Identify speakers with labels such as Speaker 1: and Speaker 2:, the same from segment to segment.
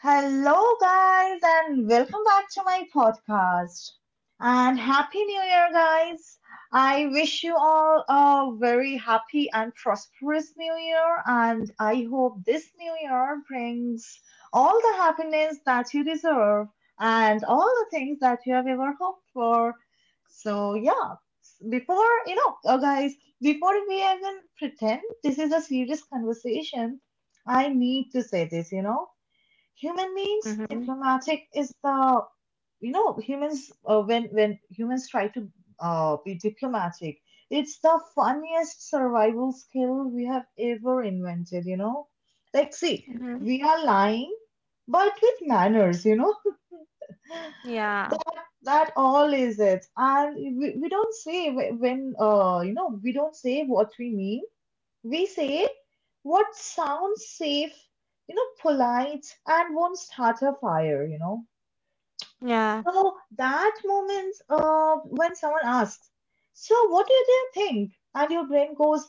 Speaker 1: Hello, guys, and welcome back to my podcast. And Happy New Year, guys. I wish you all a very happy and prosperous New Year. And I hope this New Year brings all the happiness that you deserve and all the things that you have ever hoped for. So, yeah, before, guys, before we even pretend this is a serious conversation, I need to say this. Human means
Speaker 2: Mhm,
Speaker 1: diplomatic is the humans when humans try to be diplomatic. It's the funniest survival skill we have ever invented, like see,
Speaker 2: mhm.
Speaker 1: we are lying but with manners.
Speaker 2: Yeah,
Speaker 1: that that all is it, and we don't say wh- when you know we don't say what we mean. We say what sounds safe, you know, polite, and won't start a fire, you know.
Speaker 2: yeah.
Speaker 1: So that moment when someone asks, so what do you think? And your brain goes,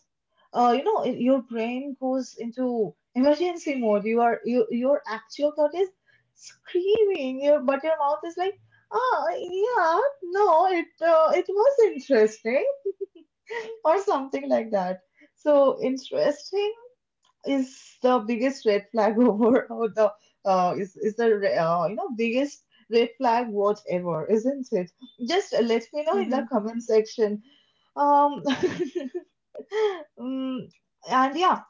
Speaker 1: your brain goes into emergency mode. Your actual thought is screaming, but your mouth is like, ah, yeah, no, it was interesting, or something like that. So interesting is the biggest red flag over or the is the re- you know biggest red flag, whatever, isn't it? Just let me know in the
Speaker 2: Mhm,
Speaker 1: comment section. Um, mm, and yeah,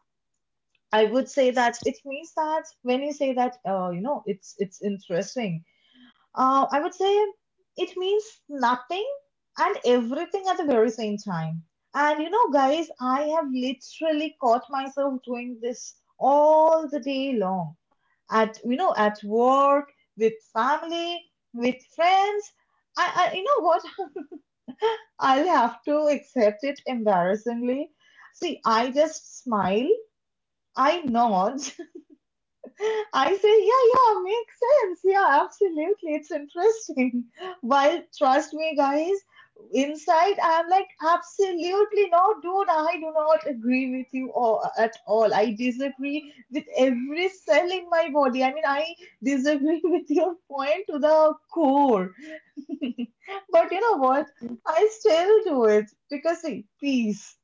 Speaker 1: I would say that it means that when you say that it's interesting, I would say it means nothing and everything at the very same time. And you know, guys, I have literally caught myself doing this all the day long. At you know, at work, with family, with friends. I you know what? I'll have to accept it embarrassingly. See, I just smile, I nod, I say, yeah, yeah, makes sense. Yeah, absolutely. It's interesting. While, trust me, guys, inside I'm like, absolutely no, dude, I do not agree with you all, at all. I disagree with every cell in my body. I mean, I disagree with your point to the core. But you know what?
Speaker 2: mhm,
Speaker 1: I still do it because see, peace,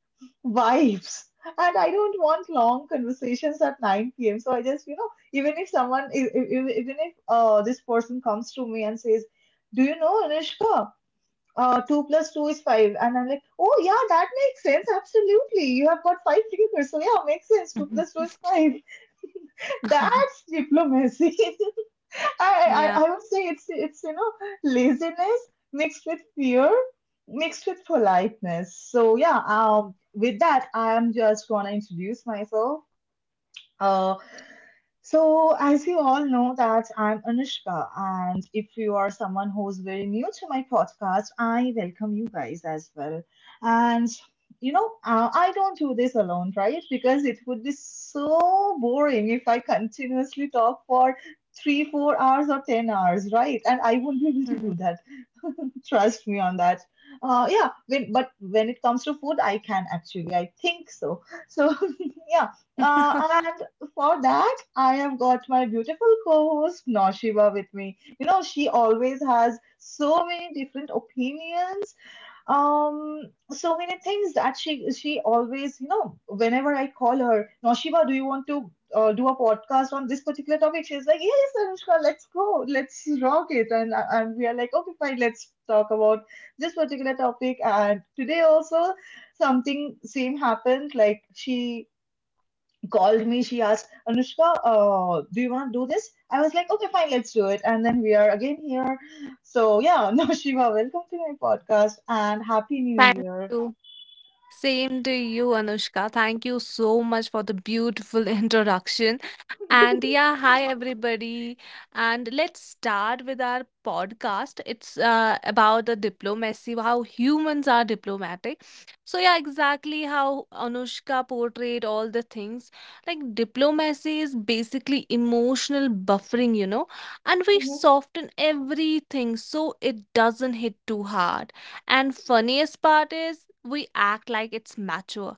Speaker 1: vibes, and I don't want long conversations at 9 p.m. So I just, you know, even if someone, e- e- e- even if this person comes to me and says, "Do you know, Anushka, two plus two is five." And I'm like, "Oh yeah, that makes sense. Absolutely, you have got five fingers, so yeah, makes sense. Two plus two
Speaker 2: mhm.
Speaker 1: is five. That's diplomacy." I, I
Speaker 2: Yeah,
Speaker 1: I would say it's laziness mixed with fear mixed with politeness. So yeah, with that, I am just gonna introduce myself. Uh, so, as you all know that I'm Anushka, and if you are someone who's very new to my podcast, I welcome you guys as well. And I don't do this alone, right? Because it would be so boring if I continuously talk for three, 4 hours or 10 hours, right? And I wouldn't be able to
Speaker 2: mhm.
Speaker 1: do that. Trust me on that. But when it comes to food, I can actually, I think so. So, yeah, and for that, I have got my beautiful co-host Noshiba with me. You know, she always has so many different opinions, um, so many things that she always, you know, whenever I call her, Noshiba, do you want to do a podcast on this particular topic? She's like, yes, Anushka, let's go, let's rock it, and I- and we are like, okay, fine, let's talk about this particular topic. And today also, something same happened. Like she called me. She asked, Anushka, do you want to do this? I was like, okay, fine, let's do it. And then we are again here. So, yeah, now Shiva, welcome to my podcast and Happy New
Speaker 2: Thank
Speaker 1: Year.
Speaker 2: you. Same to you, Anushka. Thank you so much for the beautiful introduction. And yeah, hi everybody. And let's start with our podcast. It's about the diplomacy, how humans are diplomatic. So yeah, exactly how Anushka portrayed all the things. Like diplomacy is basically emotional buffering, you know, and we
Speaker 1: Mhm.
Speaker 2: soften everything so it doesn't hit too hard, and funniest part is we act like it's mature.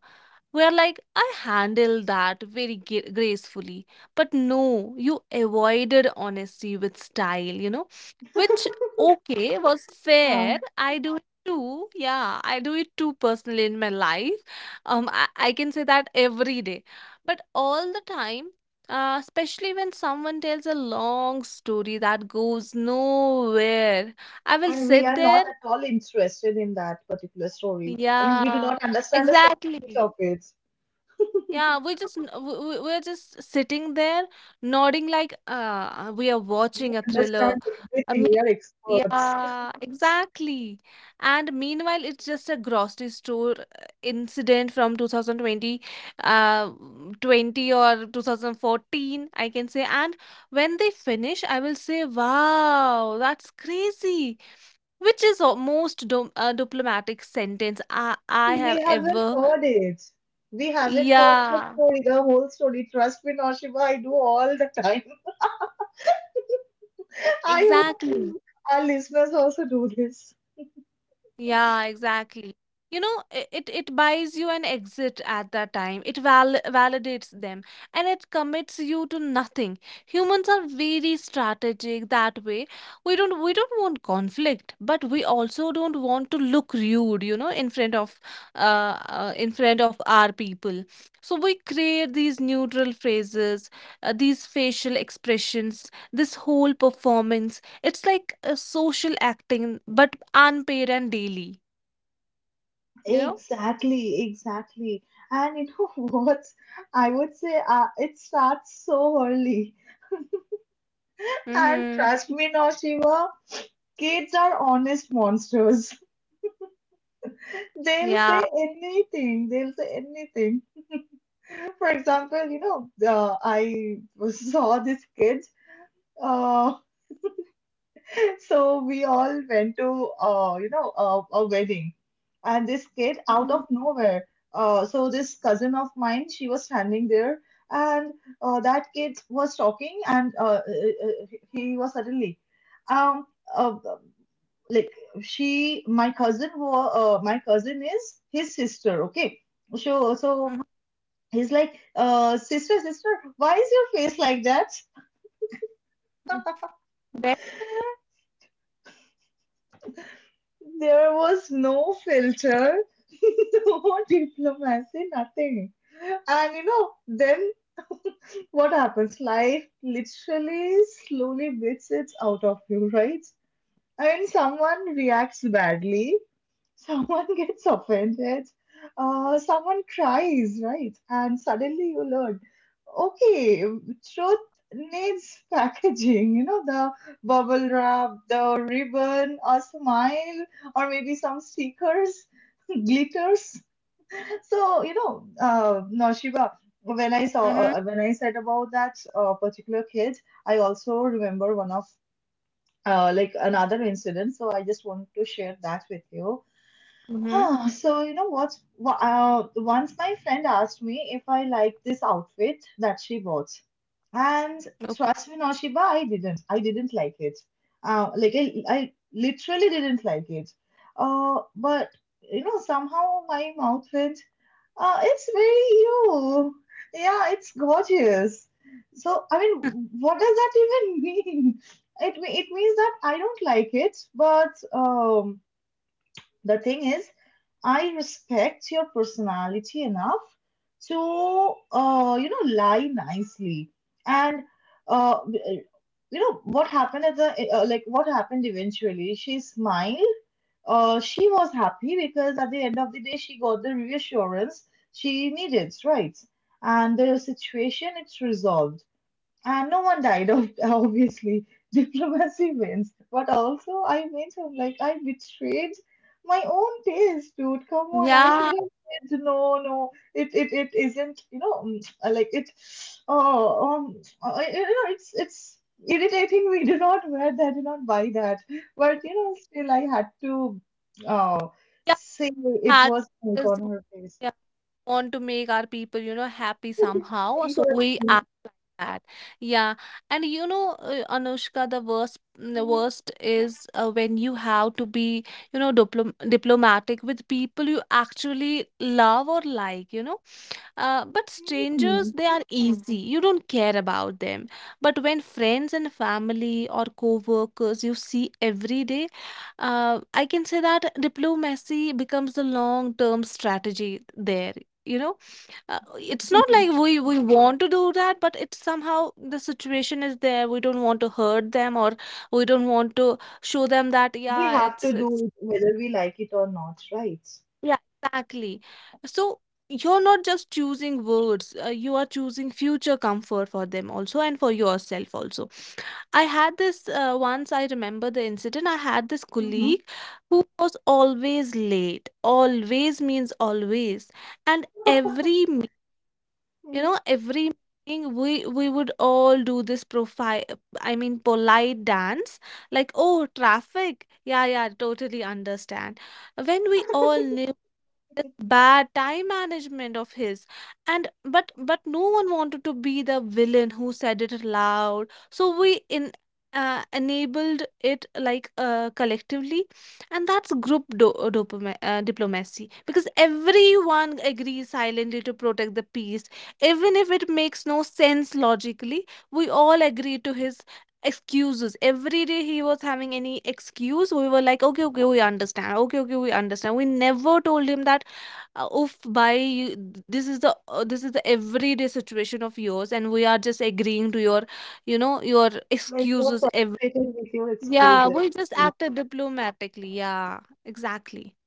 Speaker 2: We're like, I handle that very gracefully. But no, you avoided honesty with style, you know, which, okay, was
Speaker 1: Yeah,
Speaker 2: fair. I do it too. Yeah, I do it too personally in my life. I can say that every day, but all the time. Especially when someone tells a long story that goes nowhere, I will
Speaker 1: and we
Speaker 2: sit
Speaker 1: are not
Speaker 2: there.
Speaker 1: at all interested in that particular story. I mean, we do
Speaker 2: Yeah,
Speaker 1: not understand a single bit
Speaker 2: exactly.
Speaker 1: of it.
Speaker 2: Yeah, we just we're just sitting there nodding like we are
Speaker 1: We
Speaker 2: watching a thriller.
Speaker 1: understand
Speaker 2: I
Speaker 1: everything. We
Speaker 2: mean,
Speaker 1: are experts.
Speaker 2: yeah, exactly. And meanwhile, it's just a grocery store incident from 2020, uh, 20 or 2014, I can say. And when they finish, I will say, wow, that's crazy, which is the most diplomatic sentence I
Speaker 1: We
Speaker 2: have
Speaker 1: haven't
Speaker 2: ever.
Speaker 1: heard it. We haven't heard the
Speaker 2: Yeah,
Speaker 1: story, the whole story. Trust me, Naushima, I do all the time. I
Speaker 2: exactly.
Speaker 1: hope our listeners also do this.
Speaker 2: Yeah, exactly. You know, it it buys you an exit at that time. It validates them, and it commits you to nothing. Humans are very strategic that way. We don't want conflict, but we also don't want to look rude, you know, in front of our people. So we create these neutral phrases, these facial expressions, this whole performance. It's like a social acting, but unpaid and daily, you know?
Speaker 1: Exactly, exactly. And you know what? I would say it starts so early. And
Speaker 2: Mm-hmm.
Speaker 1: trust me, Naushima, kids are honest monsters. They'll
Speaker 2: Yeah.
Speaker 1: say anything. They'll say anything. For example, you know, I saw this kid. uh, So we all went to, you know, a wedding, and this kid out of
Speaker 2: Mm-hmm.
Speaker 1: nowhere. So this cousin of mine, she was standing there, and that kid was talking, and he was suddenly, um, uh, like my cousin, my cousin is his sister. Okay, so
Speaker 2: Mm-hmm.
Speaker 1: he's like, sister, sister, why is your face like that?
Speaker 2: There?
Speaker 1: There was no filter, no diplomacy, nothing. And you know, then what happens? Life literally slowly beats it out of you, right? I mean, someone reacts badly, someone gets offended, someone cries, right? And suddenly you learn, okay, truth needs packaging, you know, the bubble wrap, the ribbon, a smile, or maybe some stickers, glitters. So, you know, Noshiba, when I
Speaker 2: Mm-hmm.
Speaker 1: said about that particular kid, I also remember one of like another incident. So I just want to share that with you.
Speaker 2: Mm-hmm.
Speaker 1: Ah, so you know once my friend asked me if I liked this outfit that she bought, and
Speaker 2: Okay.
Speaker 1: trust me, Noshiba, I didn't. I didn't like it. I literally didn't like it. But you know somehow my mouth went. It's very you. Yeah, it's gorgeous. So I mean, what does that even mean? It means that I don't like it, but. The thing is, I respect your personality enough to, lie nicely. And, what happened at what happened eventually? She smiled. She was happy because at the end of the day, she got the reassurance she needed, right? And the situation, it's resolved. And no one died, obviously. Diplomacy wins. But also, I went home like I betrayed my own taste, dude. Come on, I should
Speaker 2: Yeah.
Speaker 1: have said no, no. It isn't. You know, like it. It's irritating. We do not wear that. Do not buy that. But you know, still, I had to uh,
Speaker 2: Yeah.
Speaker 1: say it
Speaker 2: Had to,
Speaker 1: was
Speaker 2: because
Speaker 1: on
Speaker 2: we,
Speaker 1: her face.
Speaker 2: yeah, want to make our people, you know, happy somehow. So we
Speaker 1: Exactly.
Speaker 2: act like that. Yeah. And you know, Anushka, the worst, mm, the
Speaker 1: Mhm.
Speaker 2: worst is when you have to be, you know, diplomatic with people you actually love or like, you know. But strangers,
Speaker 1: Mhm.
Speaker 2: they are easy. You don't care about them. But when friends and family or co-workers you see every day, I can say that diplomacy becomes the long-term strategy there. You know, it's not like we want to do that, but it's somehow the situation is there. We don't want to hurt them, or we don't want to show them that
Speaker 1: We
Speaker 2: yeah,
Speaker 1: have
Speaker 2: it's
Speaker 1: to do
Speaker 2: it's.
Speaker 1: it whether we like it or not, right?
Speaker 2: Yeah, exactly. So you're not just choosing words, you are choosing future comfort for them also and for yourself also. I had this once, I remember the incident. I had this
Speaker 1: Mm-hmm.
Speaker 2: colleague who was always late. Always means always. And you know,
Speaker 1: hmm
Speaker 2: every meeting we would all do this profile, I mean polite dance, like oh, traffic, yeah yeah, totally understand, when we all knew this bad time management of his, and but no one wanted to be the villain who said it loud, so we, in enabled it like collectively. And that's group diplomacy, because everyone agrees silently to protect the peace even if it makes no sense logically. We all agree to his excuses. Every day he was having any excuse, we were like okay, okay, we understand, okay, okay, we understand. We never told him that, oof bhai you, this is the everyday situation of yours, and we are just agreeing to your, you know, your
Speaker 1: Like you're
Speaker 2: excuses every.
Speaker 1: frustrated with your
Speaker 2: Yeah,
Speaker 1: excuses.
Speaker 2: we just
Speaker 1: You
Speaker 2: acted diplomatically. Yeah, exactly.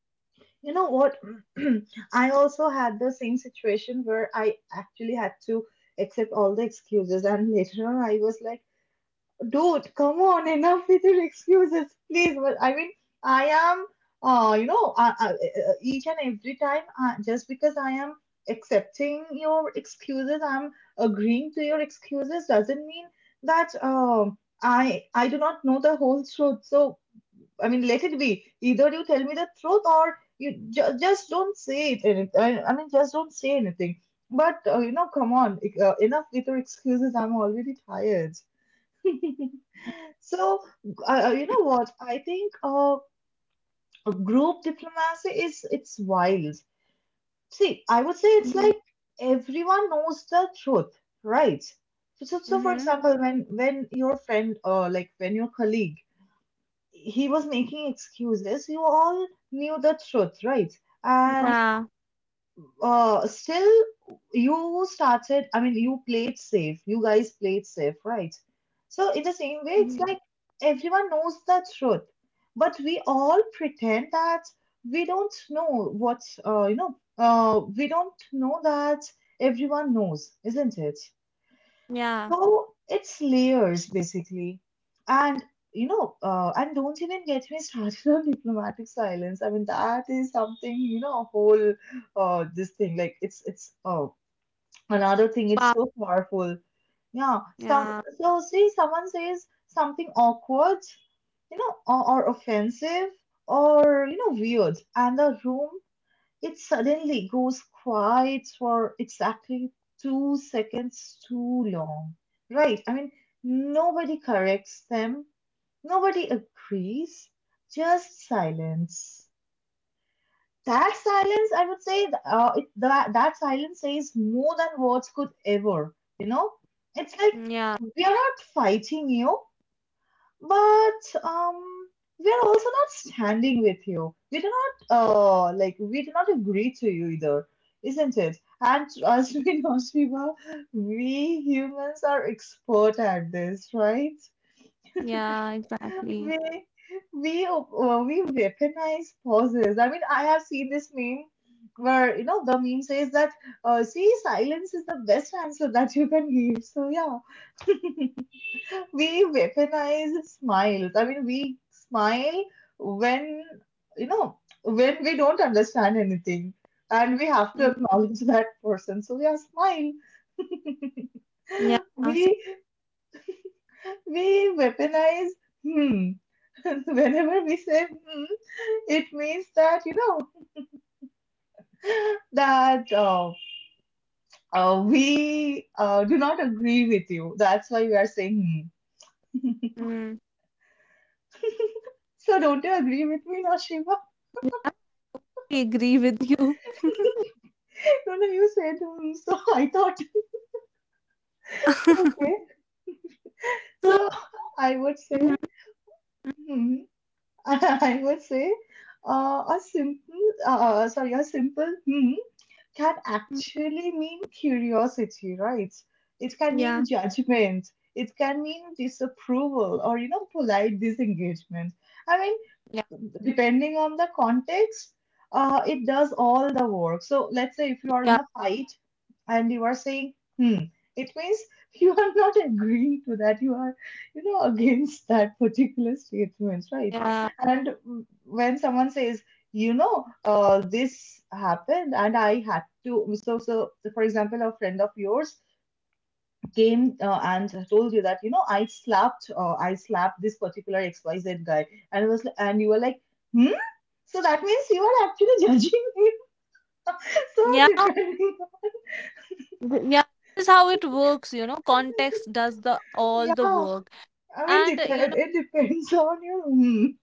Speaker 1: know what? I also had the same situation where I actually had to accept all the excuses, and later on, I was like. Dude, come on, enough with your excuses, please. But I mean, I am, uh, you know, uh, uh, uh, each and every time, just because I am accepting your excuses, I'm agreeing to your excuses, doesn't mean that I do not know the whole truth. So I mean, let it be. Either you tell me the truth, or you just don't say it. And I mean, just don't say anything. But come on, enough with your excuses. I'm already tired. So, you know what? I think group diplomacy is it's wild. See, I would say it's
Speaker 2: Mm-hmm.
Speaker 1: like everyone knows the truth, right? So, for
Speaker 2: Mm-hmm.
Speaker 1: example, when your friend or like when your colleague he was making excuses, you all knew the truth, right? And
Speaker 2: Yeah.
Speaker 1: still you started, I mean, you played safe. You guys played safe, right? So in the same way, it's
Speaker 2: Mm-hmm.
Speaker 1: like everyone knows the truth, but we all pretend that we don't know we don't know that everyone knows, isn't it?
Speaker 2: Yeah.
Speaker 1: So it's layers basically. And you know, and don't even get me started on diplomatic silence. I mean, that is something, you know, a whole this thing. Like it's another thing, it's
Speaker 2: Pa-
Speaker 1: so powerful. Yeah. Some
Speaker 2: yeah.
Speaker 1: so see someone says something awkward, you know, or offensive or you know, weird, and the room it suddenly goes quiet for exactly 2 seconds too long. Right? I mean, nobody corrects them, nobody agrees, just silence. That silence, I would say, that, that silence says more than words could ever, you know? It's like,
Speaker 2: Mm, yeah.
Speaker 1: we are not fighting you, but we are also not standing with you. We do not we do not agree to you either, isn't it? And as we know, Shiva, we humans are expert at this, right?
Speaker 2: Yeah, exactly.
Speaker 1: We we uh, we weaponize pauses. I mean, I have seen this meme where the meme says that see silence is the best answer that you can give. So yeah, we weaponize smiles. I mean, we smile when, you know, when we don't understand anything and we have to
Speaker 2: Mm-hmm.
Speaker 1: acknowledge that person. So we are smile.
Speaker 2: Yeah. So,
Speaker 1: We, we weaponize, hmm. Whenever we say hmm, it means thatthat uh, we do not agree with you. That's why we are saying hmm.
Speaker 2: mm,
Speaker 1: So don't you agree with me, Nashiva?
Speaker 2: I agree with you.
Speaker 1: No, no, you said hmm. So I thought, okay.
Speaker 2: so
Speaker 1: So I would
Speaker 2: mhm,
Speaker 1: say,
Speaker 2: mhm,
Speaker 1: hmm, I would say, a simple, sorry, a simple hmm can
Speaker 2: mhm.
Speaker 1: actually mean curiosity, right? It can mean
Speaker 2: Yeah,
Speaker 1: judgment. It can mean disapproval or, you know, polite disengagement. I
Speaker 2: yeah,
Speaker 1: Depending on the context, it does all the work. So let's say if you are in
Speaker 2: yeah,
Speaker 1: a fight and you are saying, hmm, it means you are not agreeing to that. You are against that particular statement, right?
Speaker 2: yeah,
Speaker 1: And when someone says, this happened and I had to, so, for example, a friend of yours came and told you that, I slapped, I slapped this particular XYZ guy. And you were like, "Hmm?" So that means you are actually judging it. So
Speaker 2: yeah.
Speaker 1: depending,
Speaker 2: Yeah, this is how it works, you know, context does the all the
Speaker 1: yeah.
Speaker 2: work.
Speaker 1: I mean,
Speaker 2: And you
Speaker 1: depend. It depends on you. Mhm.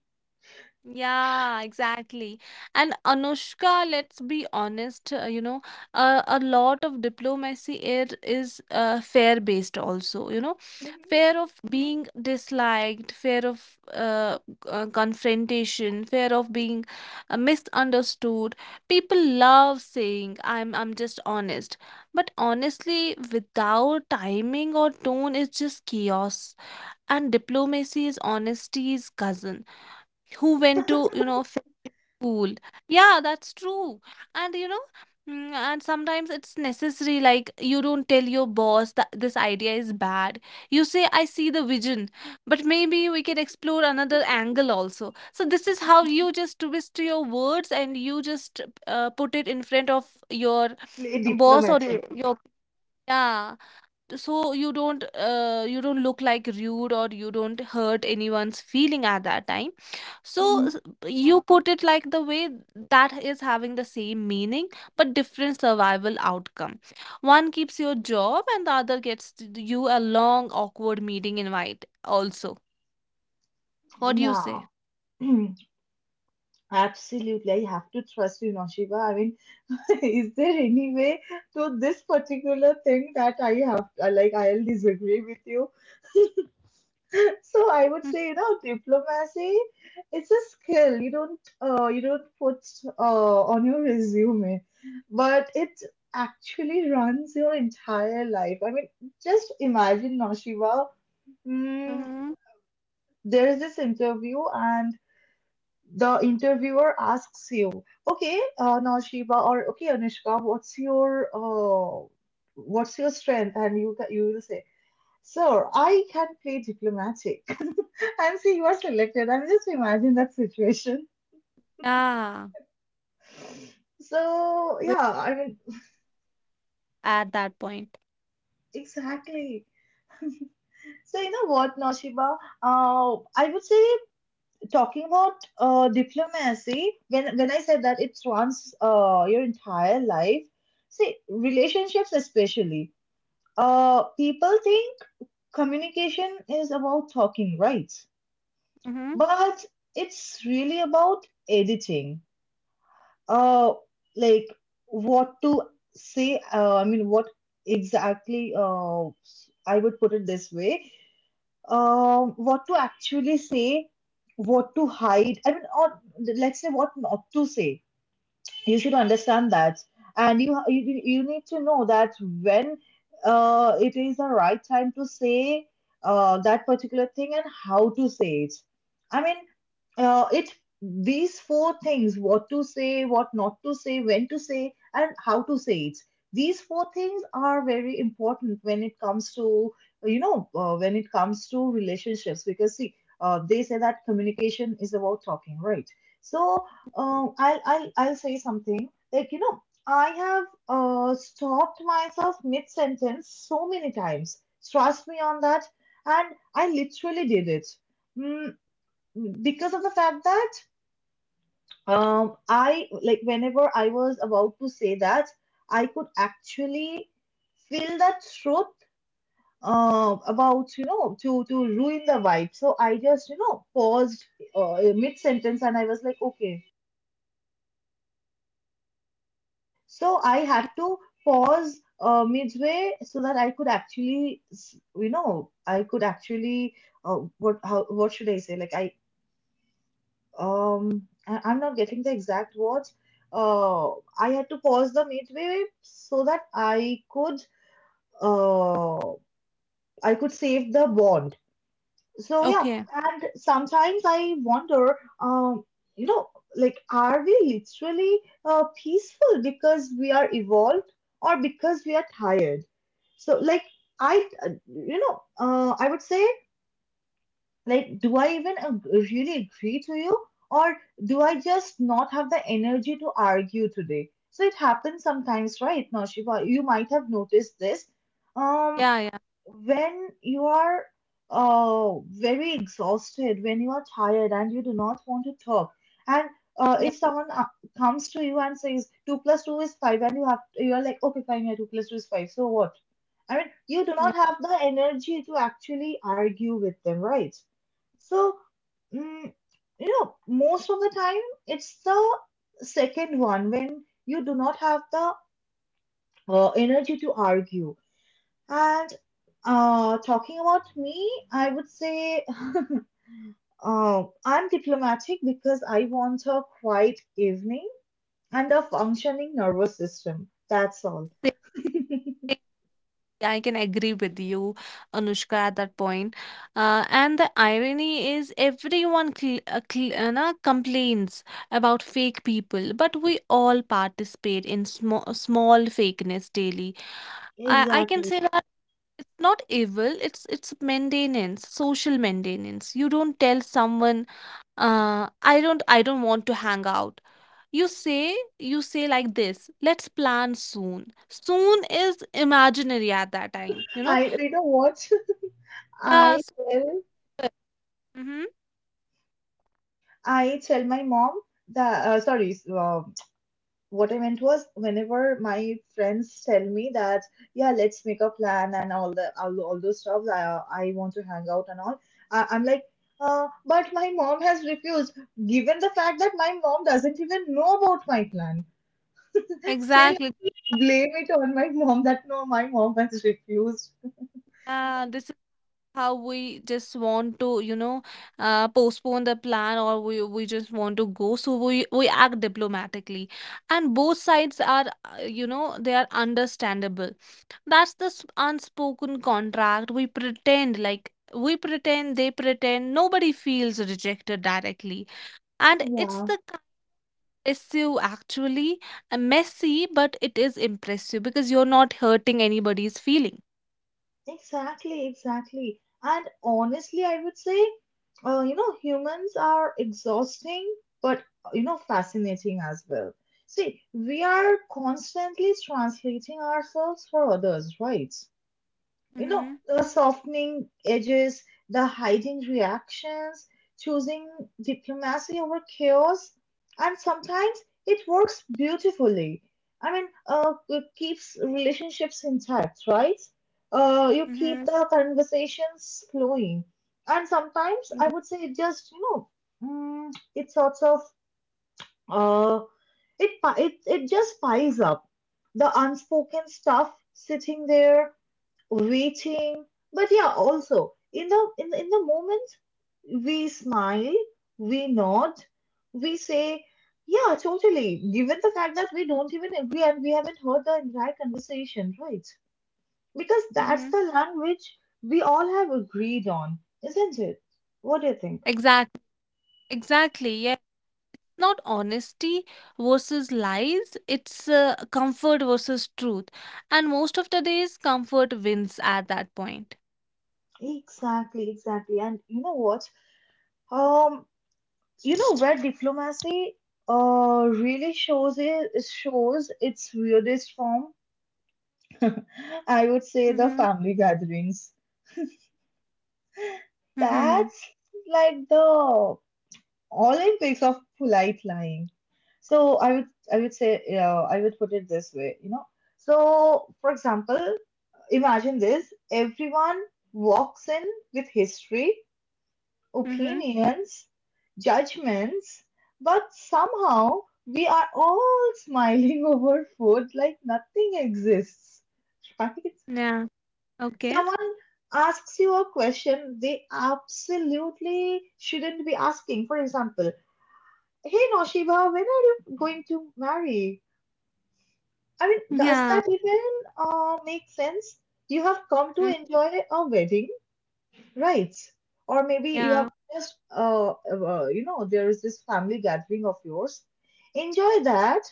Speaker 2: yeah, exactly. And Anushka, let's be honest, you know, a lot of diplomacy it is fear based also, you know,
Speaker 1: Mhm.
Speaker 2: fear of being disliked, fear of confrontation, fear of being misunderstood. People love saying, I'm just honest," but honestly, without timing or tone, it's just chaos. And diplomacy is honesty's cousin who went to, you know, film school. Yeah, that's true. And you know, mm, and sometimes it's necessary, like you don't tell your boss that this idea is bad. You say, I see the vision, but maybe we can explore another angle also. So this is how you just twist your words, and you just put it in front of your
Speaker 1: Play
Speaker 2: boss or your
Speaker 1: diplomatic.
Speaker 2: yeah. So you don't look like rude, or you don't hurt anyone's feeling at that time. So
Speaker 1: Hmm.
Speaker 2: you put it like the way that is having the same meaning but different survival outcome. One keeps your job, and the other gets you a long awkward meeting invite also. What do you say?
Speaker 1: Yeah. Absolutely, I have to trust you, Noshiba. I mean, is there any way to this particular thing that I have, like, I'll disagree with you? So I would say, you know, diplomacy, it's a skill. You don't put on your resume, but it actually runs your entire life. I mean, just imagine Noshiba. Mm,
Speaker 2: Mm-hmm.
Speaker 1: there is this interview, and the interviewer asks you, "Okay, Noshiba, or okay, Anushka, what's your what's your strength?" And you will say, "Sir, I can play diplomatic." I'm say you are selected. I mean, just imagine that situation.
Speaker 2: Yeah.
Speaker 1: So
Speaker 2: We're
Speaker 1: yeah, I mean
Speaker 2: at that point.
Speaker 1: exactly. So you know what, Noshiba? I would say, talking about diplomacy. When I said that it runs your entire life. See, relationships especially. People think communication is about talking, right?
Speaker 2: Mm-hmm.
Speaker 1: But it's really about editing. uh like, what to say, I mean, what exactly, I would put it this way. Uh, what to actually say, what to hide, I mean, or let's say, what not to say. You should understand that, and you need to know that when it is the right time to say that particular thing, and how to say it. I mean it these four things, what to say, what not to say, when to say, and how to say it. These four things are very important when it comes to, when it comes to relationships, because see, they say that communication is about talking, right? So I'll say something. Like, I have stopped myself mid sentence so many times. Trust me on that. And I literally did it. Mm, because of the fact that like, whenever I was about to say that, I could actually feel that truth, about, to ruin the vibe. So I just, paused mid sentence, and I was like, okay. So I had to pause midway so that I could actually, s- you know, I could actually, what how what should I say? Like I'm not getting the exact words. Uh, I had to pause the midway so that uh I could save the ball. So yeah,
Speaker 2: Okay.
Speaker 1: and sometimes I wonder, you know, like, are we literally peaceful because we are evolved, or because we are tired? So like, I would say, like, do I even really agree to you, or do I just not have the energy to argue today? So it happens sometimes, right, Naushiba? You might have noticed this. Um,
Speaker 2: Yeah, yeah.
Speaker 1: when you are uh, very exhausted, when you are tired and you do not want to talk, and
Speaker 2: Yeah.
Speaker 1: if someone comes to you and says two plus two is five, and you are like, okay, fine, yeah, two plus two is five, so what? I mean, you do not have the energy to actually argue with them, right? So mm, you know, most of the time it's the second one, when you do not have the energy to argue, and talking about me, I would say, I'm diplomatic because I want a quiet evening and a functioning nervous system. That's all.
Speaker 2: Yeah. I can agree with you, Anushka, at that point. And the irony is, everyone complains about fake people, but we all participate in small small fakeness daily. I can
Speaker 1: Exactly.
Speaker 2: say that it's not evil; it's maintenance, social maintenance. You don't tell someone, I don't want to hang out. You say, like this: let's plan soon. Soon is imaginary at that time, you know.
Speaker 1: I You know what?
Speaker 2: Yeah,
Speaker 1: I
Speaker 2: super.
Speaker 1: tell
Speaker 2: Mm-hmm.
Speaker 1: I tell my mom that, sorry, what I meant was, whenever my friends tell me that, yeah, let's make a plan and all, all those stuff, I want to hang out and all, I'm like, but my mom has refused, given the fact that my mom doesn't even know about my plan, still
Speaker 2: Exactly.
Speaker 1: blame it on my mom that, no, my mom has refused.
Speaker 2: This is how we just want to, you know, postpone the plan, or we just want to go. So we act diplomatically, and both sides are, you know, they are understandable. That's the unspoken contract. We pretend, like we pretend, they pretend. Nobody feels rejected directly, and it's
Speaker 1: Yeah.
Speaker 2: the kind of issue actually messy, but it is impressive because you're not hurting anybody's feeling.
Speaker 1: Exactly, exactly. And honestly, I would say, humans are exhausting, but, fascinating as well. See, we are constantly translating ourselves for others, right? You know,
Speaker 2: Mm-hmm.
Speaker 1: the softening edges, the hiding reactions, choosing diplomacy over chaos, and sometimes it works beautifully. I mean, it keeps relationships intact, right? You keep
Speaker 2: Mm-hmm.
Speaker 1: the conversations flowing, and sometimes I would say it just, it sorts of uh, it pi- it just piles up, the unspoken stuff sitting there, reaching. But yeah, also in the in the moment we smile, we nod, we say, yeah, totally, given the fact that we don't even agree and we haven't heard the entire conversation, right? Because that's
Speaker 2: Mm-hmm.
Speaker 1: the language we all have agreed on. Isn't it? What do you think?
Speaker 2: Exactly. Exactly. Yeah. Not honesty versus lies. It's comfort versus truth. And most of the days, comfort wins at that point.
Speaker 1: Exactly, exactly. And you know what? um you know where diplomacy really shows its weirdest form? I
Speaker 2: Mm-hmm.
Speaker 1: would say the family gatherings.
Speaker 2: Mm-hmm.
Speaker 1: That's like the Olympics of polite lying. So I would say, yeah, I would put it this way. So for example, imagine this: everyone walks in with history,
Speaker 2: Mm-hmm.
Speaker 1: opinions, judgments, but somehow we are all smiling over food like nothing exists. Right?
Speaker 2: Yeah. Okay.
Speaker 1: Someone asks you a question they absolutely shouldn't be asking. For example, hey Noshiba, when are you going to marry? I mean, does
Speaker 2: Yeah.
Speaker 1: that even make sense? You have come to
Speaker 2: Mm.
Speaker 1: enjoy a wedding, right? Or maybe you have
Speaker 2: Yeah.
Speaker 1: just, there is this family gathering of yours. Enjoy that,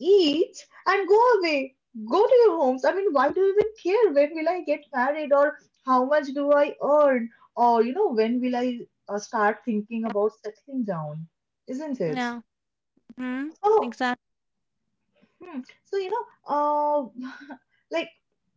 Speaker 1: eat, and go away. Go to your homes. I mean, why do you even care? When will I get married, or how much do I earn, or, when will I start thinking about settling down? Isn't it?
Speaker 2: Yeah. Mm-hmm.
Speaker 1: So.
Speaker 2: Exactly.
Speaker 1: Hmm. So, you know, like,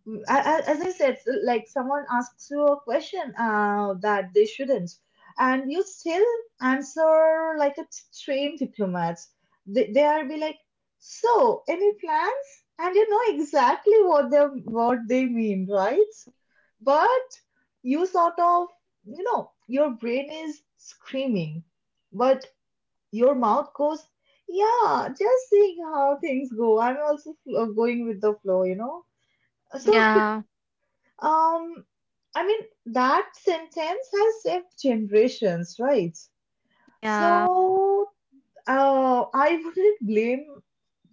Speaker 1: as I said, like, someone asks you a question that they shouldn't, and you still answer like a trained diplomat. They are be like, so any plans? And you know exactly what they mean, right? But you sort of, you know, your brain is screaming, but your mouth goes, yeah, just seeing how things go. I'm also going with the flow. So,
Speaker 2: Yeah.
Speaker 1: um, I mean, that sentence has saved generations, right?
Speaker 2: Yeah.
Speaker 1: So, I wouldn't blame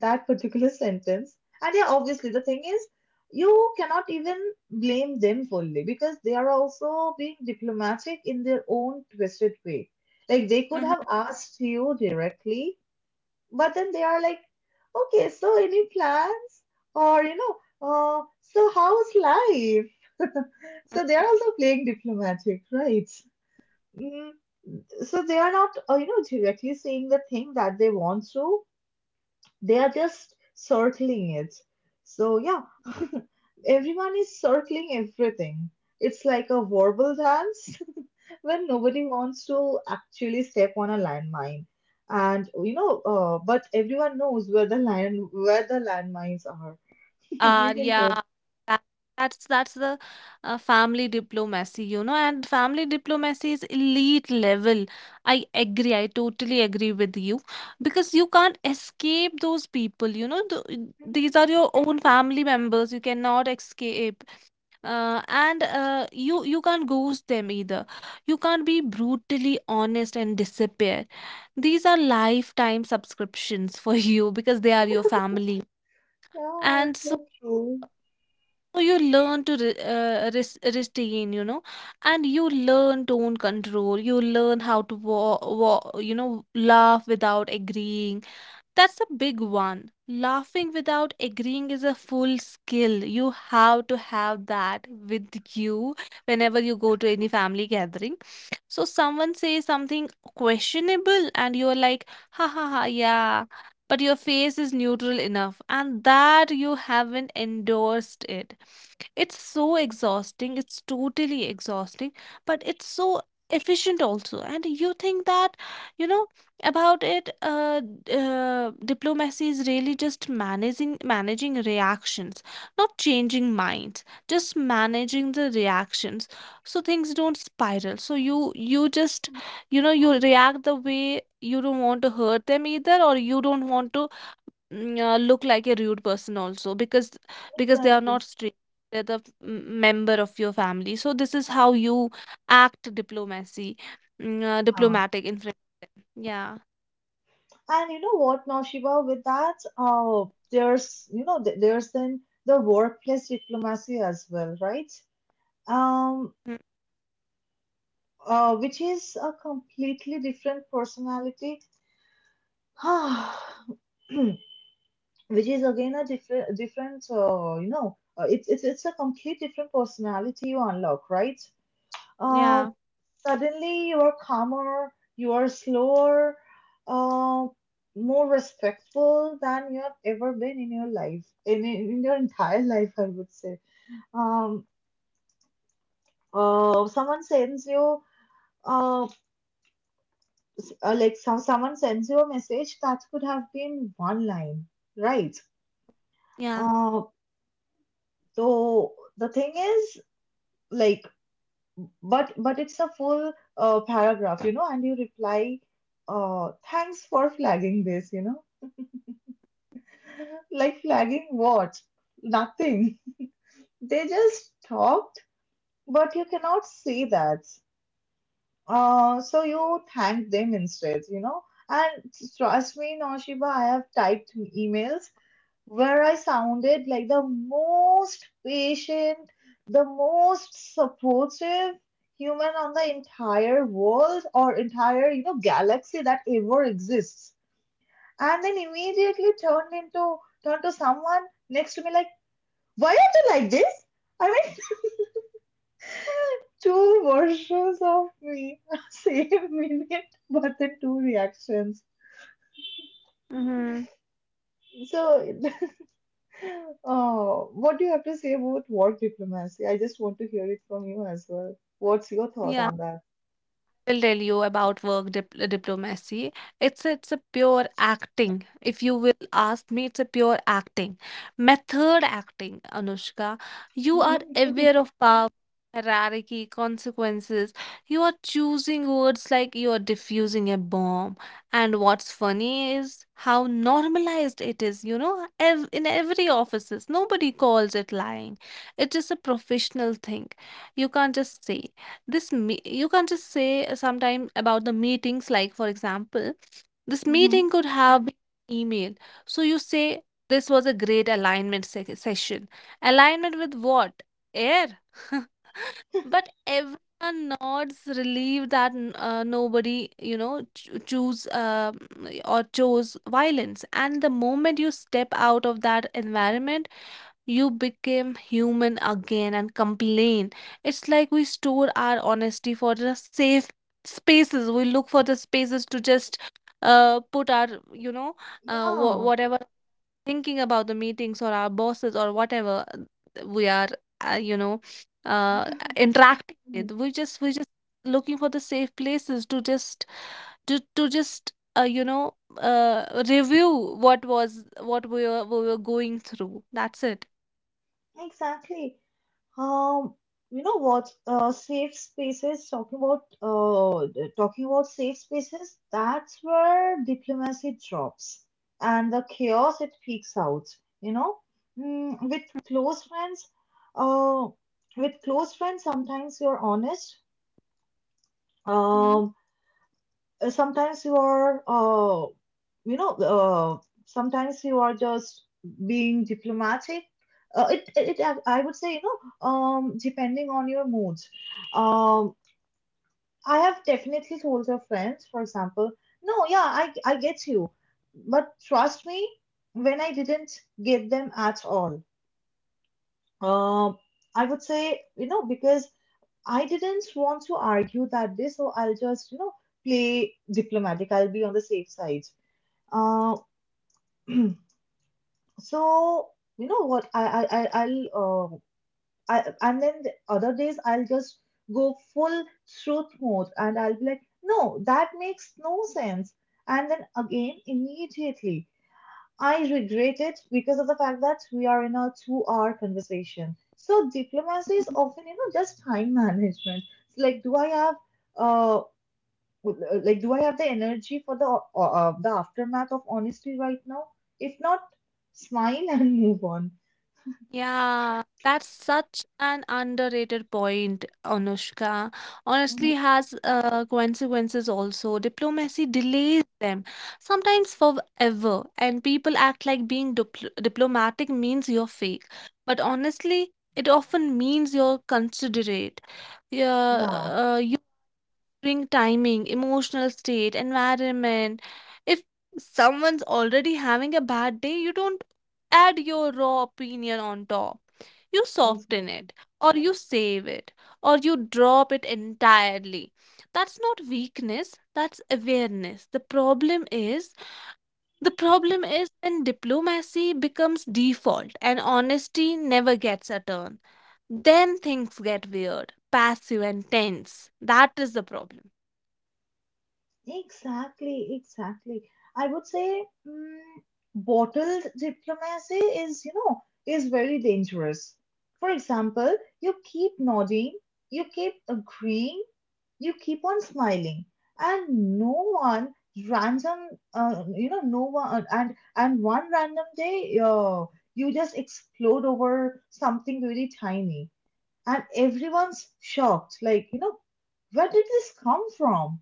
Speaker 1: that particular sentence. And yeah, obviously, the thing is, you cannot even blame them fully because they are also being diplomatic in their own twisted way. Like, they could
Speaker 2: Mm-hmm.
Speaker 1: have asked you directly, but then they are like, okay, so any plans? Or, so how's life? So they are also playing diplomatic, right? Mm, so they are not, directly saying the thing that they want to, they are just circling it. So yeah, everyone is circling everything. It's like a verbal dance when nobody wants to actually step on a landmine. And but everyone knows where the landmines are, isn't it?
Speaker 2: Yeah, that, that's the family diplomacy, you know, and family diplomacy is elite level. I agree. I totally agree with you, because you can't escape those people, you know, th
Speaker 1: Mhm.
Speaker 2: these are your own family members. You cannot escape. And you can't ghost them either. You can't be brutally honest and disappear. These are lifetime subscriptions for you, because they are your family.
Speaker 1: Yeah, it's
Speaker 2: And so,
Speaker 1: so true.
Speaker 2: so you learn to restrain, you know, and you learn tone control. You learn how to, you know, laugh without agreeing. That's a big one. Laughing without agreeing is a full skill. You have to have that with you whenever you go to any family gathering. So someone says something questionable, and you're like, ha ha ha, yeah. But your face is neutral enough, and that you haven't endorsed it. It's so exhausting. It's totally exhausting, but it's so efficient also. And you think that, you know, about it, diplomacy is really just managing reactions, not changing minds, just managing the reactions so things don't spiral. So you, just, you know, you react the way you don't want to hurt them either, or you don't want to, mm, look like a rude person also, because they are not
Speaker 1: Exactly.
Speaker 2: straight, they're the member of your family, so this is how you act diplomacy, mm,
Speaker 1: Yeah.
Speaker 2: diplomatic in front. Yeah.
Speaker 1: And you know what, Naushiba, with that, there's you know th- there's then the workplace diplomacy as well, right?
Speaker 2: Mm,
Speaker 1: um, which is a completely different personality, which is again a different, it's a complete different personality you unlock, right? Uh,
Speaker 2: yeah.
Speaker 1: Suddenly you are calmer, you are slower, uh, more respectful than you have ever been in your life, in your entire life, I would say. Um, Someone sends you. Uh. Like, someone sends you a message that could have been one line, right?
Speaker 2: Yeah.
Speaker 1: uh, so the thing is, like, but it's a full, paragraph, you know and you reply, thanks for flagging this. You know Like, flagging what? Nothing. They just talked, but you cannot see that. So you thank them instead. You know and trust me, Noshiba, I have typed emails where I sounded like the most patient, the most supportive human on the entire world, or entire, galaxy that ever exists. And then immediately turned to someone next to me, like, why are you like this? I mean, two versions of me, same minute, but the two reactions.
Speaker 2: Mm-hmm.
Speaker 1: So. Oh, what do you have to say about work diplomacy? I just want to hear it from you as well. What's your thought
Speaker 2: Yeah,
Speaker 1: on that?
Speaker 2: will tell you about work diplomacy. It's a pure acting. If you will ask me, it's a pure acting, method acting. Anushka, you are
Speaker 1: Hmm,
Speaker 2: aware of power, hierarchy, consequences. You are choosing words like you are diffusing a bomb. And what's funny is how normalized it is. You know, in every offices, nobody calls it lying. It is a professional thing. You can't just say, you can't just say sometime about the meetings, like for example, this
Speaker 1: hmm,
Speaker 2: meeting could have been email. So you say, this was a great alignment session. Alignment with what? Air. but everyone nods relieved that nobody, you know, cho- choose or chose violence. And the moment you step out of that environment, you became human again and complain. It's like we store our honesty for the safe spaces. We look for the spaces to just put our, you know,
Speaker 1: yeah,
Speaker 2: whatever thinking about the meetings or our bosses or whatever we are, you know, uh, interacting
Speaker 1: mm,
Speaker 2: with. We just looking for the safe places to just, to just you know, review what was, what we were going through. That's it.
Speaker 1: exactly. Um, you know what? Safe spaces. Talking about safe spaces. That's where diplomacy drops, and the chaos it peaks out. You know, mm, with close friends, uh, with close friends, sometimes you're honest.
Speaker 2: Hmm.
Speaker 1: Um, uh, sometimes you are uh, you know uh, Sometimes you are just being diplomatic. It I would say, depending on your moods. um I have definitely told your friends, for example, no, yeah, I get you, but trust me, when I didn't get them at all. um I would say, because I didn't want to argue that day, so I'll just, play diplomatic. I'll be on the safe side. uh, so, you know what? I I'll I And then the other days I'll just go full truth mode, and I'll be like, no, that makes no sense. And then again, immediately, I regret it because of the fact that we are in a two-hour conversation. So diplomacy is often, just time management. It's like, do I have uh would- like, do I have the energy for the aftermath of honesty right now? If not, smile and move on.
Speaker 2: Yeah, that's such an underrated point, Anushka.
Speaker 1: Hmm.
Speaker 2: Honestly, has consequences also. Diplomacy delays them, sometimes forever, and people act like being diplomatic means you're fake. But honestly, it often means you're considerate. Yeah,
Speaker 1: Yeah,
Speaker 2: you considering timing, emotional state, environment. If someone's already having a bad day, you don't add your raw opinion on top. You soften
Speaker 1: exactly.
Speaker 2: it, or you save it, or you drop it entirely. That's not weakness, that's awareness. The problem is when diplomacy becomes default and honesty never gets a turn. Then things get weird, passive, and tense. That is the problem.
Speaker 1: Exactly, exactly. I would say, bottled diplomacy is, you know, is very dangerous. For example, you keep nodding, you keep agreeing, you keep on smiling, and no one random, you know, no one, and one random day, you just explode over something really tiny, and everyone's shocked, like, you know, where did this come from?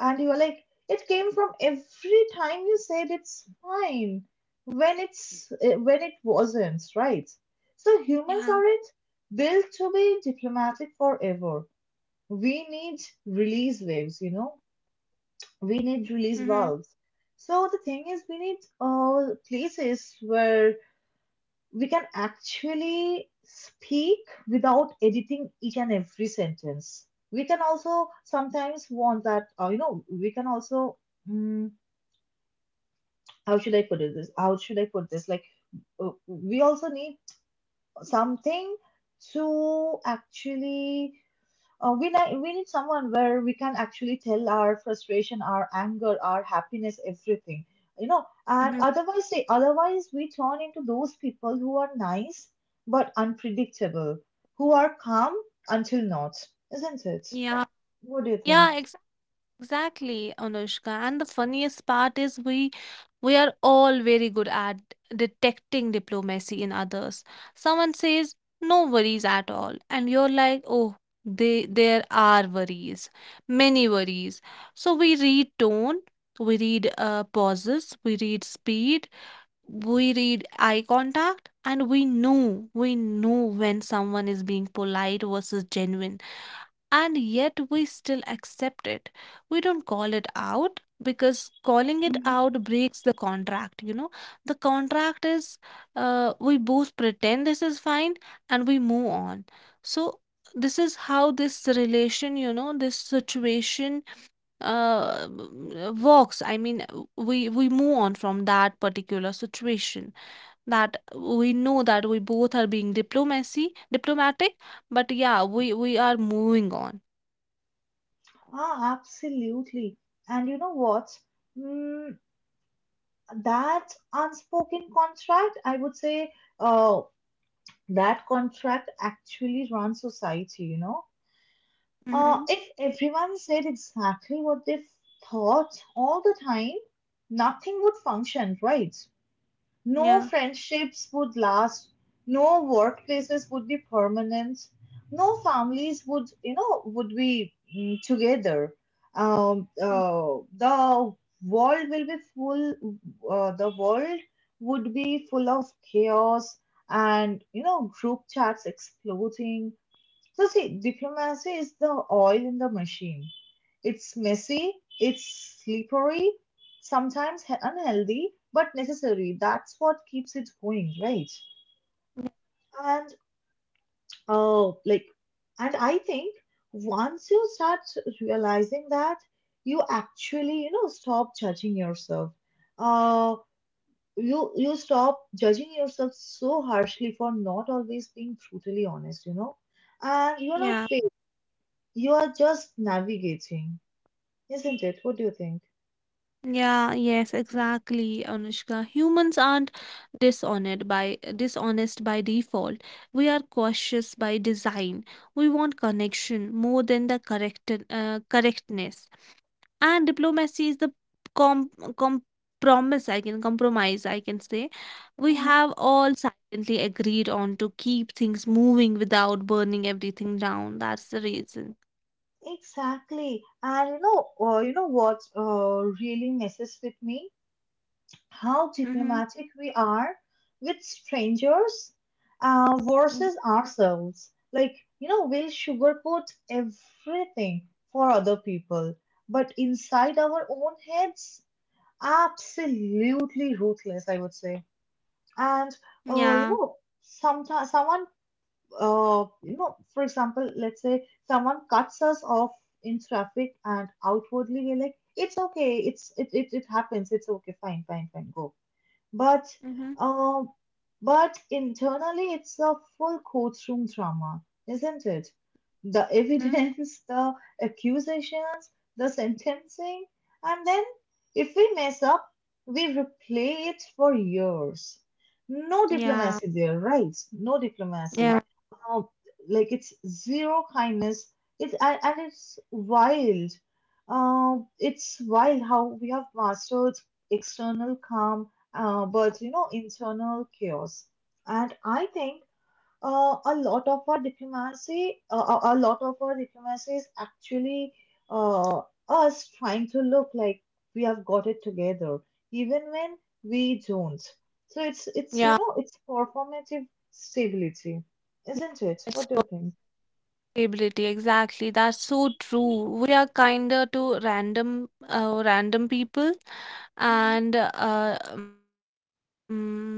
Speaker 1: And you were like, it came from every time you said it's fine when it wasn't, right? So humans
Speaker 2: Yeah.
Speaker 1: aren't built to be diplomatic forever. We need release waves, you know. We need
Speaker 2: Mhm.
Speaker 1: release valves. So the thing is, we need, places where we can actually speak without editing each and every sentence. We can also sometimes want that, we can also, mm, how should I put it this? How should I put this? Like, we also need something to actually, we need someone where we can actually tell our frustration, our anger, our happiness, everything, you know. And
Speaker 2: Mhm.
Speaker 1: otherwise, they, otherwise we turn into those people who are nice but unpredictable, who are calm until not, isn't it?
Speaker 2: Yeah.
Speaker 1: What do you think?
Speaker 2: Yeah, ex Exactly, Anushka. And the funniest part is we are all very good at detecting diplomacy in others. Someone says, "No worries at all." And you're like, "Oh, they there are worries. Many worries." So we read tone, we read pauses, we read speed, we read eye contact, and we know when someone is being polite versus genuine, and yet we still accept it. We don't call it out because calling it
Speaker 1: Mhm.
Speaker 2: out breaks the contract. You know, the contract is we both pretend this is fine and we move on. So, this is how this relation, you know, this situation uh, works. I mean, we move on from that particular situation. That we know that we both are being diplomatic, but yeah, we are moving on.
Speaker 1: Ah, absolutely. And you know what? Mm, that unspoken contract, I would say, uh, that contract actually runs society,
Speaker 2: Mm-hmm.
Speaker 1: if everyone said exactly what they thought all the time, nothing would function, right? No
Speaker 2: Yeah.
Speaker 1: friendships would last, no workplaces would be permanent, no families would, you know, would be, together. Um,
Speaker 2: Mm.
Speaker 1: uh, the world will be full, the world would be full of chaos and, you know, group chats exploding. So, see, diplomacy is the oil in the machine. It's messy, it's slippery, sometimes unhealthy, but necessary. That's what keeps it going, right?
Speaker 2: Yeah.
Speaker 1: And, oh, like, and I think once you start realizing that, you actually, you know, stop judging yourself. Uh, you stop judging yourself so harshly for not always being brutally honest, you know, and you're not.
Speaker 2: Yeah.
Speaker 1: You are just navigating, isn't it? What do you think?
Speaker 2: Yeah, Yes. Exactly, Anushka. Humans aren't dishonest by default. We are cautious by design. We want connection more than the correctness. And diplomacy is the com compromise. I can compromise. I can say we
Speaker 1: Mm-hmm.
Speaker 2: have all silently agreed on to keep things moving without burning everything down. That's the reason.
Speaker 1: Exactly. And, you know what really messes with me? How
Speaker 2: Mm-hmm.
Speaker 1: diplomatic we are with strangers,
Speaker 2: Mm-hmm.
Speaker 1: versus ourselves. Like, you know, we'll sugarcoat everything for other people, but inside our own heads, absolutely ruthless, I would say. And,
Speaker 2: Yeah.
Speaker 1: you know, sometimes someone, you know, for example, let's say someone cuts us off in traffic, and outwardly we're like, it's okay, it happens, it's okay, fine, fine, fine, go. But,
Speaker 2: Mhm.
Speaker 1: um, but internally, it's a full courtroom drama, isn't it? The
Speaker 2: Mhm.
Speaker 1: evidence, the accusations, the sentencing, and then if we mess up, we replay it for years. No
Speaker 2: Yeah,
Speaker 1: diplomacy there, right? No
Speaker 2: yeah,
Speaker 1: diplomacy. Um, like, it's zero kindness. And it's wild. It's wild how we have mastered external calm, but you know, internal chaos. And I think, a lot of our diplomacy is actually, uh, us trying to look like we have got it together, even when we don't. So it's, you
Speaker 2: yeah.
Speaker 1: know, it's performative stability,
Speaker 2: yeah,
Speaker 1: isn't it?
Speaker 2: It's
Speaker 1: What do you think?
Speaker 2: exactly. That's so true. We are kinder to random people,
Speaker 1: Hmm.
Speaker 2: and we are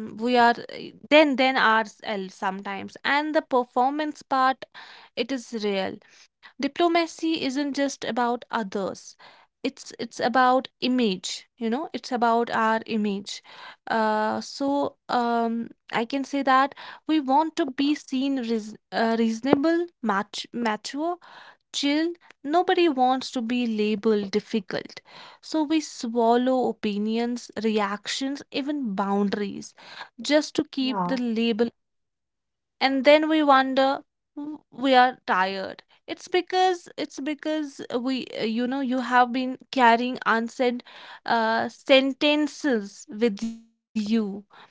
Speaker 2: then ourselves sometimes. And the performance part, it is real. Diplomacy isn't just about others, it's about image, you know, it's about our image. Uh, so I can say that we want to be seen reasonable, mature, chill. Nobody wants to be labeled difficult, so we swallow opinions, reactions, even boundaries, just to keep the
Speaker 1: Yeah.
Speaker 2: label. And then we wonder, "We are tired, it's because we, you know, you have been carrying unsaid sentences with you,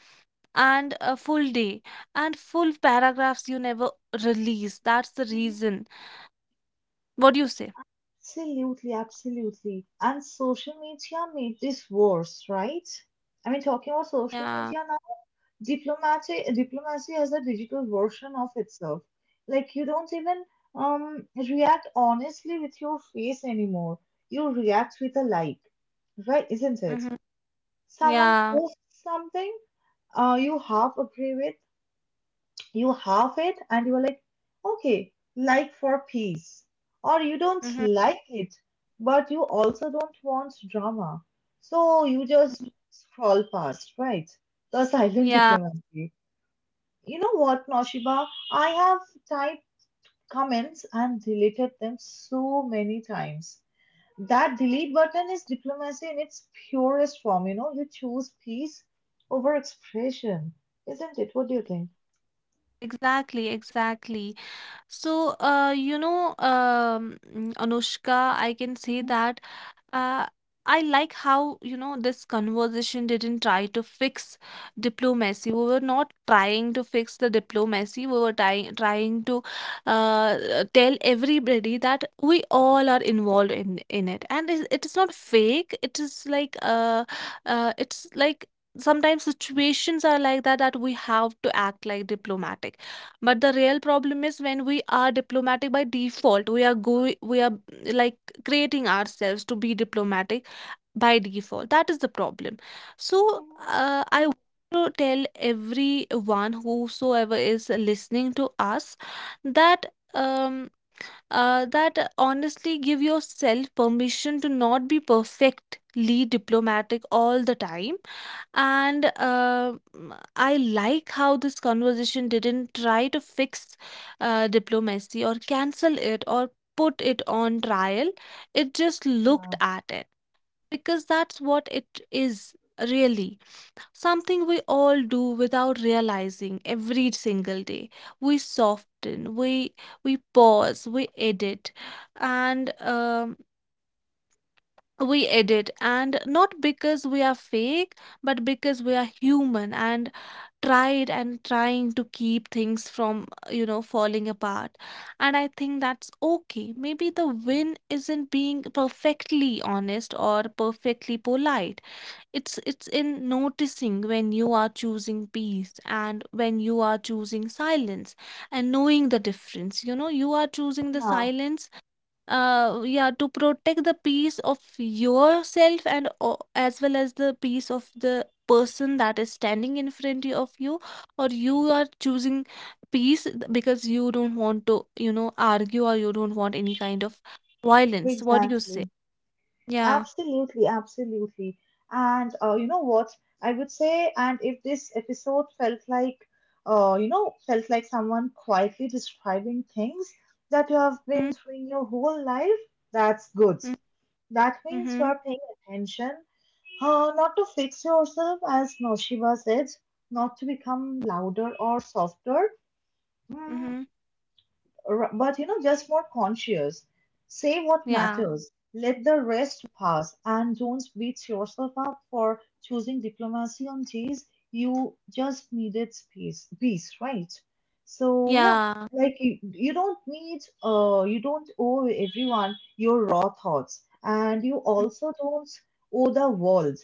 Speaker 2: and a full day and full paragraphs you never release. That's the
Speaker 1: Hmm.
Speaker 2: reason. What do you say?"
Speaker 1: Absolutely, absolutely. And social media made this worse, right? I mean, talking about
Speaker 2: Yeah.
Speaker 1: social media, diplomacy has a digital version of itself. Like, you don't even, react honestly with your face anymore. You react with a like, right, isn't it?
Speaker 2: Mm-hmm.
Speaker 1: Someone
Speaker 2: Yeah.
Speaker 1: posts something you half agree with, you half it, and you're like, okay, like, for peace. Or you don't
Speaker 2: Mm-hmm.
Speaker 1: like it, but you also don't want drama, so you just
Speaker 2: Mm-hmm.
Speaker 1: scroll past, right? The silent
Speaker 2: Yeah.
Speaker 1: diplomacy. You know what, Noshiba? I have typed comments and deleted them so many times. That delete button is diplomacy in its purest form. You know, you choose peace over expression, isn't it? What do you think?
Speaker 2: Exactly, exactly. So, you know, Anushka, I can say
Speaker 1: Mhm,
Speaker 2: that, Uh, I like how, you know, this conversation didn't try to fix diplomacy. We were not trying to fix the diplomacy. We were trying to tell everybody that we all are involved in it, and it is not fake. It is like it's like sometimes situations are like that, that we have to act like diplomatic. But the real problem is when we are diplomatic by default. We are like creating ourselves to be diplomatic by default. That is the problem. So
Speaker 1: mhm.
Speaker 2: I want to tell everyone whosoever is listening to us that um that honestly, give yourself permission to not be perfectly diplomatic all the time. And I like how this conversation didn't try to fix diplomacy or cancel it or put it on trial. It just looked
Speaker 1: Yeah,
Speaker 2: at it because that's what it is, really, something we all do without realizing every single day. We soften, we pause, we edit, and and not because we are fake, but because we are human and tried and trying to keep things from, you know, falling apart. And I think that's okay. Maybe the win isn't being perfectly honest or perfectly polite, it's in noticing when you are choosing peace and when you are choosing silence, and knowing the difference. You know, you are choosing the
Speaker 1: yeah,
Speaker 2: silence, yeah, to protect the peace of yourself and as well as the peace of the person that is standing in front of you, or you are choosing peace because you don't want to, you know, argue, or you don't want any kind of violence. What do you say?
Speaker 1: exactly.
Speaker 2: Yeah.
Speaker 1: Absolutely, absolutely. And, you know what? I would say, and if this episode felt like, you know, felt like someone quietly describing things that you have been
Speaker 2: Mm-hmm.
Speaker 1: doing your whole life, that's good. That means you
Speaker 2: Mm-hmm.
Speaker 1: are paying attention, not to fix yourself, as Noshiba said, not to become louder or softer. Mm,
Speaker 2: Mm-hmm.
Speaker 1: but you know, just more conscious. Say what
Speaker 2: Yeah.
Speaker 1: matters, let the rest pass, and don't beat yourself up for choosing diplomacy on days you just needed space, peace, right? So yeah,
Speaker 2: Yeah.
Speaker 1: like, you don't need, you don't owe everyone your raw thoughts, and you also don't owe the world.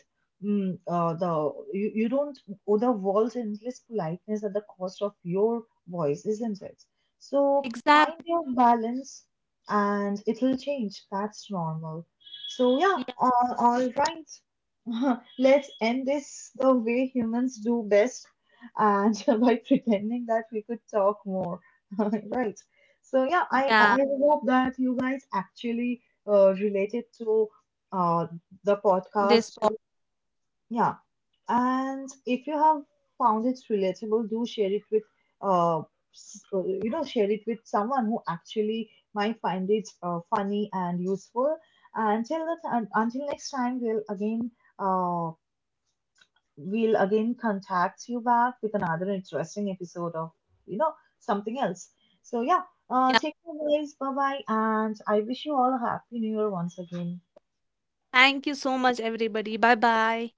Speaker 1: Mm, the you, you don't owe the world endless politeness at the cost of your voice, isn't it? So find
Speaker 2: Exactly.
Speaker 1: your balance, and it will change. That's normal. So, yeah,
Speaker 2: Yeah,
Speaker 1: all right. Let's end this the way humans do best, and by pretending that we could talk more. Right. So, yeah, I, I
Speaker 2: yeah.
Speaker 1: I hope that you guys actually, related to, uh, the
Speaker 2: this
Speaker 1: podcast.
Speaker 2: po-
Speaker 1: Yeah, and if you have found it relatable, do share it with, uh, you know, share it with someone who actually might find it, funny and useful. Until that, until next time, uh, we'll again contact you back with another interesting episode of, you know, something else. So yeah,
Speaker 2: yeah,
Speaker 1: take care, guys. Bye bye, and I wish you all a happy new year once again.
Speaker 2: thank you so much, everybody. Bye bye.